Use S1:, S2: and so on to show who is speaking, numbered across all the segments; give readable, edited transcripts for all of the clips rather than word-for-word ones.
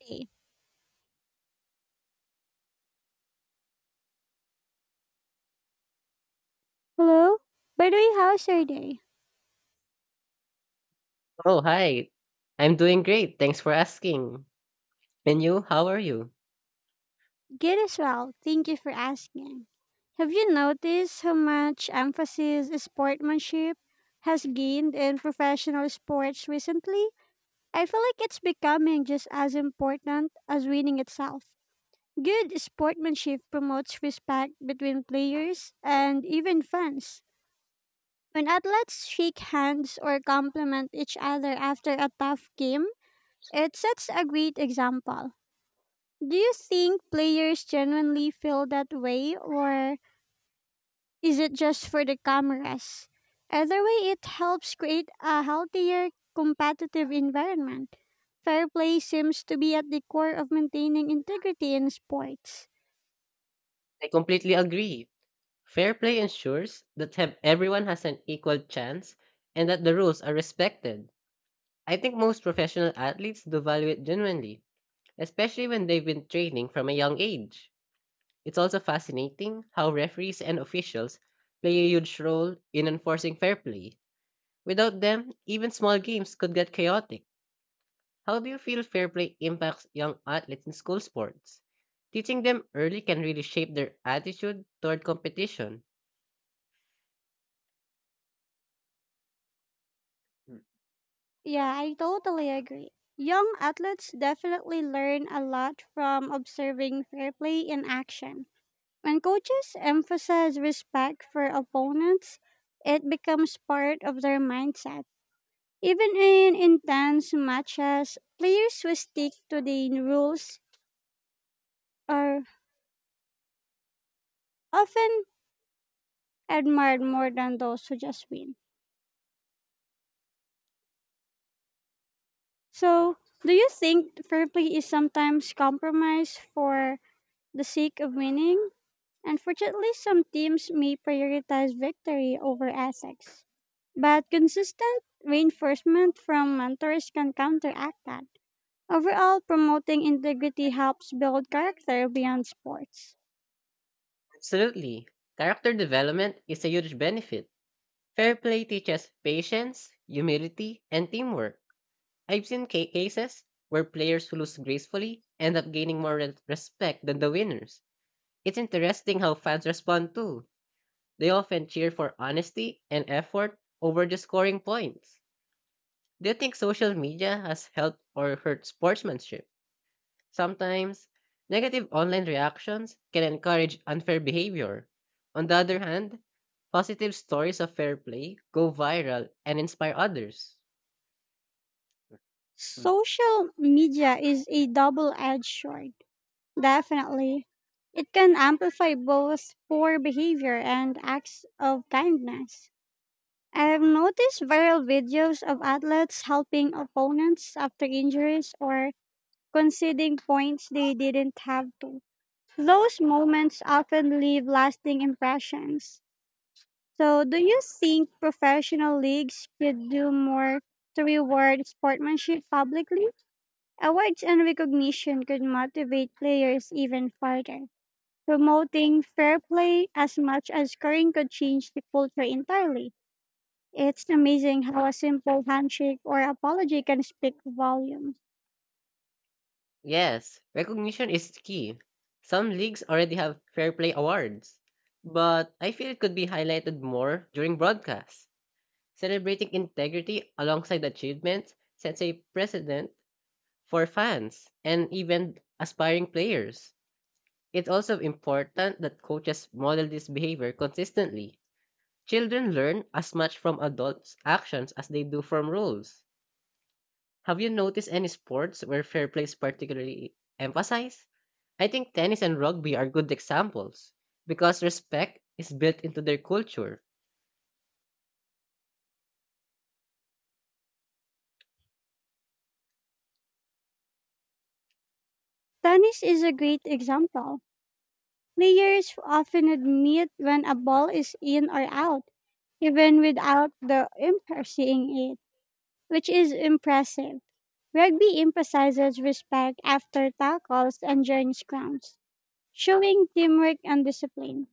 S1: Hey. Hello? By the way, how's your day?
S2: Oh, hi. I'm doing great. Thanks for asking. And you, how are you?
S1: Good as well. Thank you for asking. Have you noticed how much emphasis sportsmanship has gained in professional sports recently? I feel like it's becoming just as important as winning itself. Good sportsmanship promotes respect between players and even fans. When athletes shake hands or compliment each other after a tough game, it sets a great example. Do you think players genuinely feel that way, or is it just for the cameras? Either way, it helps create a healthier competitive environment. Fair play seems to be at the core of maintaining integrity in sports.
S2: I completely agree. Fair play ensures that have everyone has an equal chance and that the rules are respected. I think most professional athletes do value it genuinely, especially when they've been training from a young age. It's also fascinating how referees and officials play a huge role in enforcing fair play. Without them, even small games could get chaotic. How do you feel fair play impacts young athletes in school sports? Teaching them early can really shape their attitude toward competition. Mm,
S1: Yeah, I totally agree. Young athletes definitely learn a lot from observing fair play in action. When coaches emphasize respect for opponents, it becomes part of their mindset. Even in intense matches, players who stick to the rules are often admired more than those who just win. So, do you think fair play is sometimes compromised for the sake of winning? Unfortunately, some teams may prioritize victory over ethics, but consistent reinforcement from mentors can counteract that. Overall, promoting integrity helps build character beyond sports.
S2: Absolutely. Character development is a huge benefit. Fair play teaches patience, humility, and teamwork. I've seen cases where players who lose gracefully end up gaining more respect than the winners. It's interesting how fans respond too. They often cheer for honesty and effort over just scoring points. Do you think social media has helped or hurt sportsmanship? Sometimes, negative online reactions can encourage unfair behavior. On the other hand, positive stories of fair play go viral and inspire others. Mm.
S1: Social media is a double edged sword, definitely. It can amplify both poor behavior and acts of kindness. I've noticed viral videos of athletes helping opponents after injuries or conceding points they didn't have to. Those moments often leave lasting impressions. So, do you think professional leagues should do more to reward sportsmanship publicly? Awards and recognition could motivate players even further, promoting fair play as much as scoring could change the culture entirely. It's amazing how a simple handshake or apology can speak volumes.
S2: Yes, recognition is key. Some leagues already have fair play awards, but I feel it could be highlighted more during broadcasts. Celebrating integrity alongside achievements sets a precedent for fans and even aspiring players. It's also important that coaches model this behavior consistently. Children learn as much from adults' actions as they do from rules. Have you noticed any sports where fair play is particularly emphasized? I think tennis and rugby are good examples because respect is built into their culture.
S1: Tennis is a great example. Players often admit when a ball is in or out, even without the umpire seeing it, which is impressive. Rugby emphasizes respect after tackles and during scrums. Showing teamwork and discipline.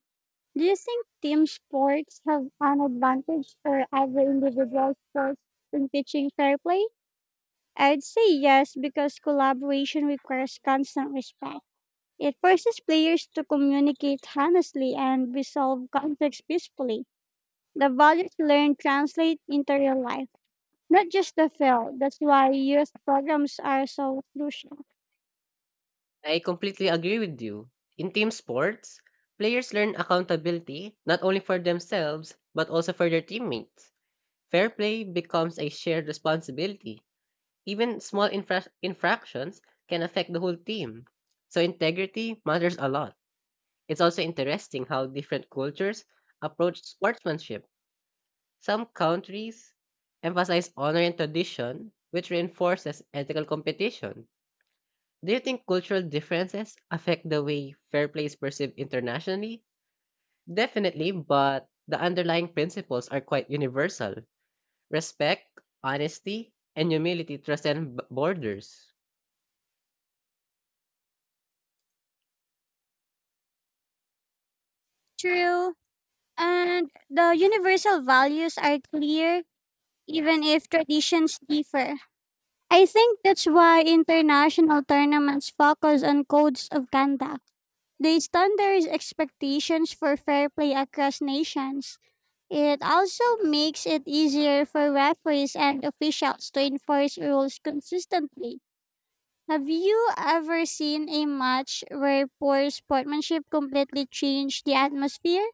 S1: Do you think team sports have an advantage for every individual sports in teaching fair play? I'd say yes because collaboration requires constant respect. It forces players to communicate honestly and resolve conflicts peacefully. The values learned translate into real life, not just the field. That's why youth programs are so crucial.
S2: I completely agree with you. In team sports, players learn accountability not only for themselves but also for their teammates. Fair play becomes a shared responsibility. Even small infractions can affect the whole team. So integrity matters a lot. It's also interesting how different cultures approach sportsmanship. Some countries emphasize honor and tradition, which reinforces ethical competition. Do you think cultural differences affect the way fair play is perceived internationally? Definitely, but the underlying principles are quite universal. Respect, honesty, and humility transcend borders.
S1: True. And the universal values are clear even if traditions differ. I think that's why international tournaments focus on codes of conduct. They standardize expectations for fair play across nations. It also makes it easier for referees and officials to enforce rules consistently. Have you ever seen a match where poor sportsmanship completely changed the atmosphere?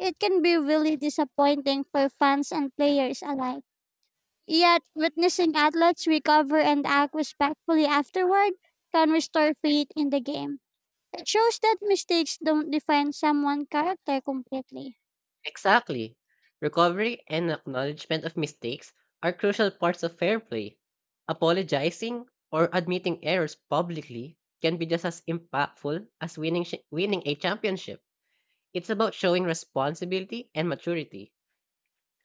S1: It can be really disappointing for fans and players alike. Yet, witnessing athletes recover and act respectfully afterward can restore faith in the game. It shows that mistakes don't define someone's character completely.
S2: Exactly. Recovery and acknowledgement of mistakes are crucial parts of fair play. Apologizing or admitting errors publicly can be just as impactful as winning a championship. It's about showing responsibility and maturity.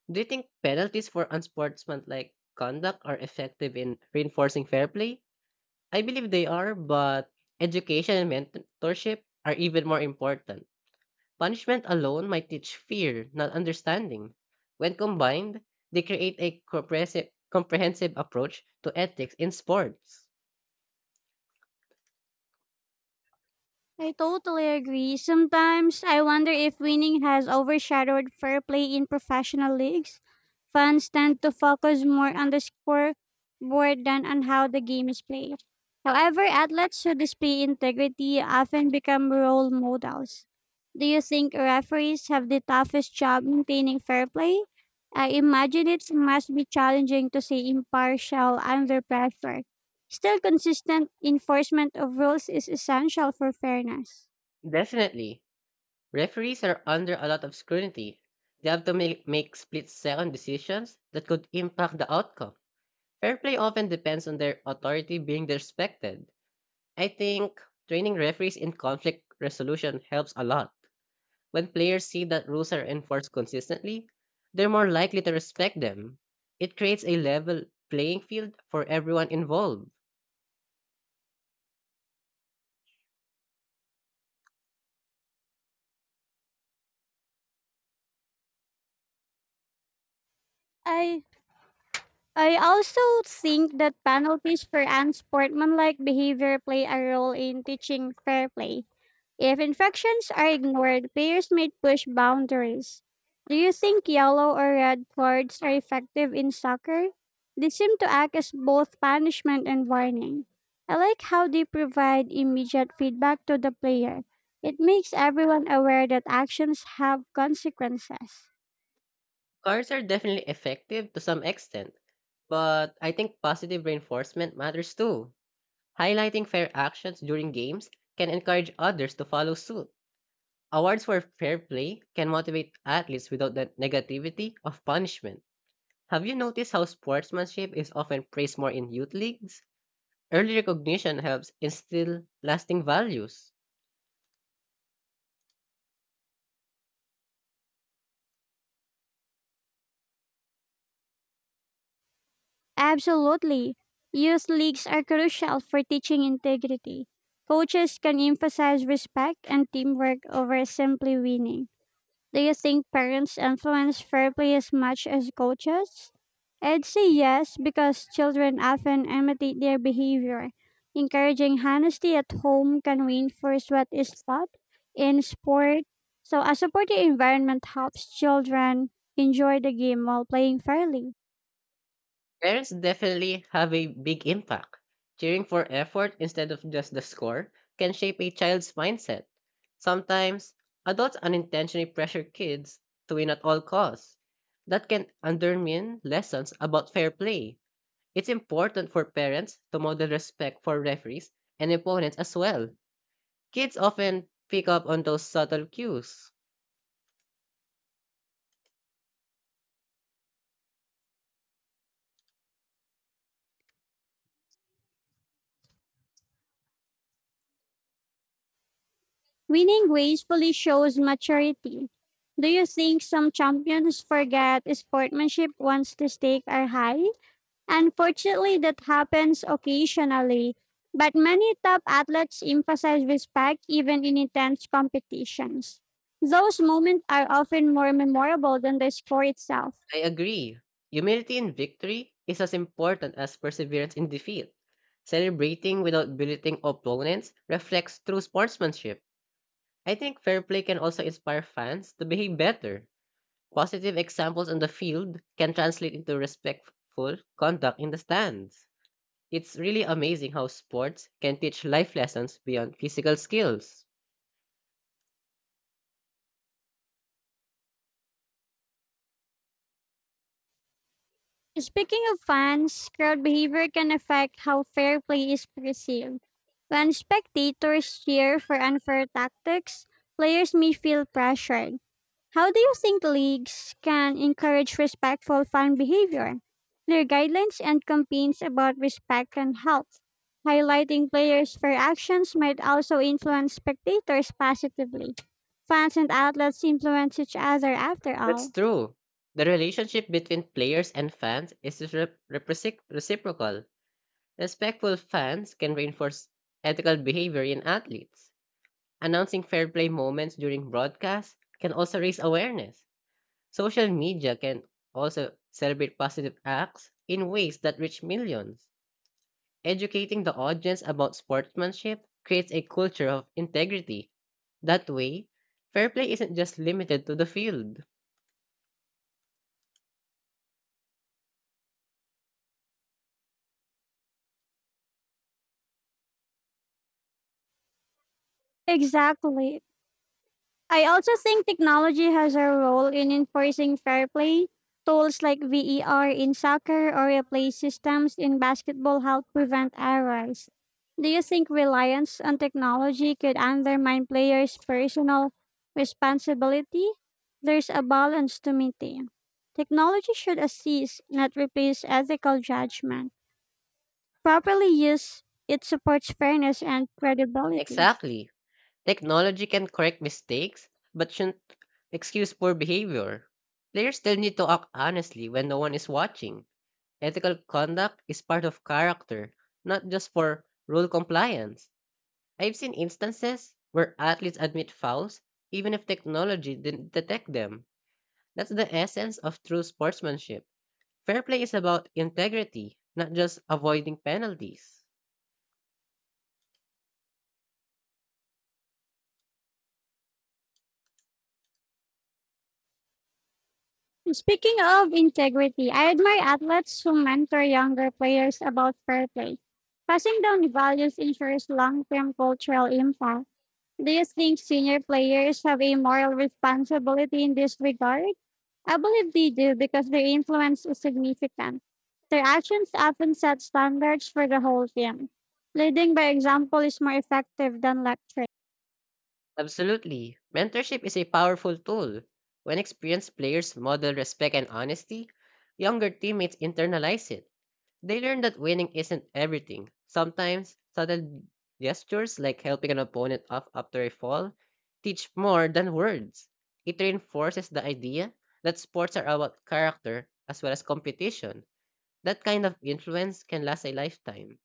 S2: Do you think penalties for unsportsmanlike conduct are effective in reinforcing fair play? I believe they are, but education and mentorship are even more important. Punishment alone might teach fear, not understanding. When combined, they create a comprehensive approach to ethics in sports.
S1: I totally agree. Sometimes I wonder if winning has overshadowed fair play in professional leagues. Fans tend to focus more on the scoreboard than on how the game is played. However, athletes who display integrity often become role models. Do you think referees have the toughest job maintaining fair play? I imagine it must be challenging to stay impartial under pressure. Still, consistent enforcement of rules is essential for fairness.
S2: Definitely, referees are under a lot of scrutiny. They have to make split second decisions that could impact the outcome. Fair play often depends on their authority being respected. I think training referees in conflict resolution helps a lot. When players see that rules are enforced consistently, they're more likely to respect them. It creates a level playing field for everyone involved.
S1: I I also think that penalties for unsportsmanlike behavior play a role in teaching fair play. If infections are ignored, payers may push boundaries. Do you think yellow or red cards are effective in soccer? They seem to act as both punishment and warning. I like how they provide immediate feedback to the player. It makes everyone aware that actions have consequences.
S2: Cards are definitely effective to some extent, but I think positive reinforcement matters too. Highlighting fair actions during games can encourage others to follow suit. Awards for fair play can motivate athletes without the negativity of punishment. Have you noticed how sportsmanship is often praised more in youth leagues? Early recognition helps instill lasting values.
S1: Absolutely. Youth leagues are crucial for teaching integrity. Coaches can emphasize respect and teamwork over simply winning. Do you think parents influence fair play as much as coaches? I'd say yes, because children often imitate their behavior. Encouraging honesty at home can reinforce what is taught in sport. So, a supportive environment helps children enjoy the game while playing fairly.
S2: Parents definitely have a big impact. Cheering for effort instead of just the score can shape a child's mindset. Sometimes, adults unintentionally pressure kids to win at all costs. That can undermine lessons about fair play. It's important for parents to model respect for referees and opponents as well. Kids often pick up on those subtle cues.
S1: Winning gracefully shows maturity. Do you think some champions forget sportsmanship once the stakes are high? Unfortunately, that happens occasionally, but many top athletes emphasize respect even in intense competitions. Those moments are often more memorable than the score itself.
S2: I agree. Humility in victory is as important as perseverance in defeat. Celebrating without belittling opponents reflects true sportsmanship. I think fair play can also inspire fans to behave better. Positive examples on the field can translate into respectful conduct in the stands. It's really amazing how sports can teach life lessons beyond physical skills.
S1: Speaking of fans, crowd behavior can affect how fair play is perceived. When spectators cheer for unfair tactics, players may feel pressured. How do you think leagues can encourage respectful fan behavior? Clear guidelines and campaigns about respect can help. Highlighting players' fair actions might also influence spectators positively. Fans and outlets influence each other after
S2: That's
S1: all.
S2: true. The relationship between players and fans is reciprocal. Respectful fans can reinforce ethical behavior in athletes. Announcing fair play moments during broadcasts can also raise awareness. Social media can also celebrate positive acts in ways that reach millions. Educating the audience about sportsmanship creates a culture of integrity. That way, fair play isn't just limited to the field.
S1: Exactly. I also think technology has a role in enforcing fair play. Tools like VER in soccer or replay systems in basketball help prevent errors. Do you think reliance on technology could undermine players' personal responsibility? There's a balance to maintain. Technology should assist, not replace ethical judgment. Properly used, it supports fairness and credibility.
S2: Exactly. Technology can correct mistakes, but shouldn't excuse poor behavior. Players still need to act honestly when no one is watching. Ethical conduct is part of character, not just for rule compliance. I've seen instances where athletes admit fouls even if technology didn't detect them. That's the essence of true sportsmanship. Fair play is about integrity, not just avoiding penalties.
S1: Speaking of integrity, I admire athletes who mentor younger players about fair play. Passing down values ensures long term cultural impact. Do you think senior players have a moral responsibility in this regard? I believe they do because their influence is significant. Their actions often set standards for the whole team. Leading by example is more effective than lecturing.
S2: Absolutely. Mentorship is a powerful tool. When experienced players model respect and honesty, younger teammates internalize it. They learn that winning isn't everything. Sometimes, subtle gestures like helping an opponent up after a fall teach more than words. It reinforces the idea that sports are about character as well as competition. That kind of influence can last a lifetime.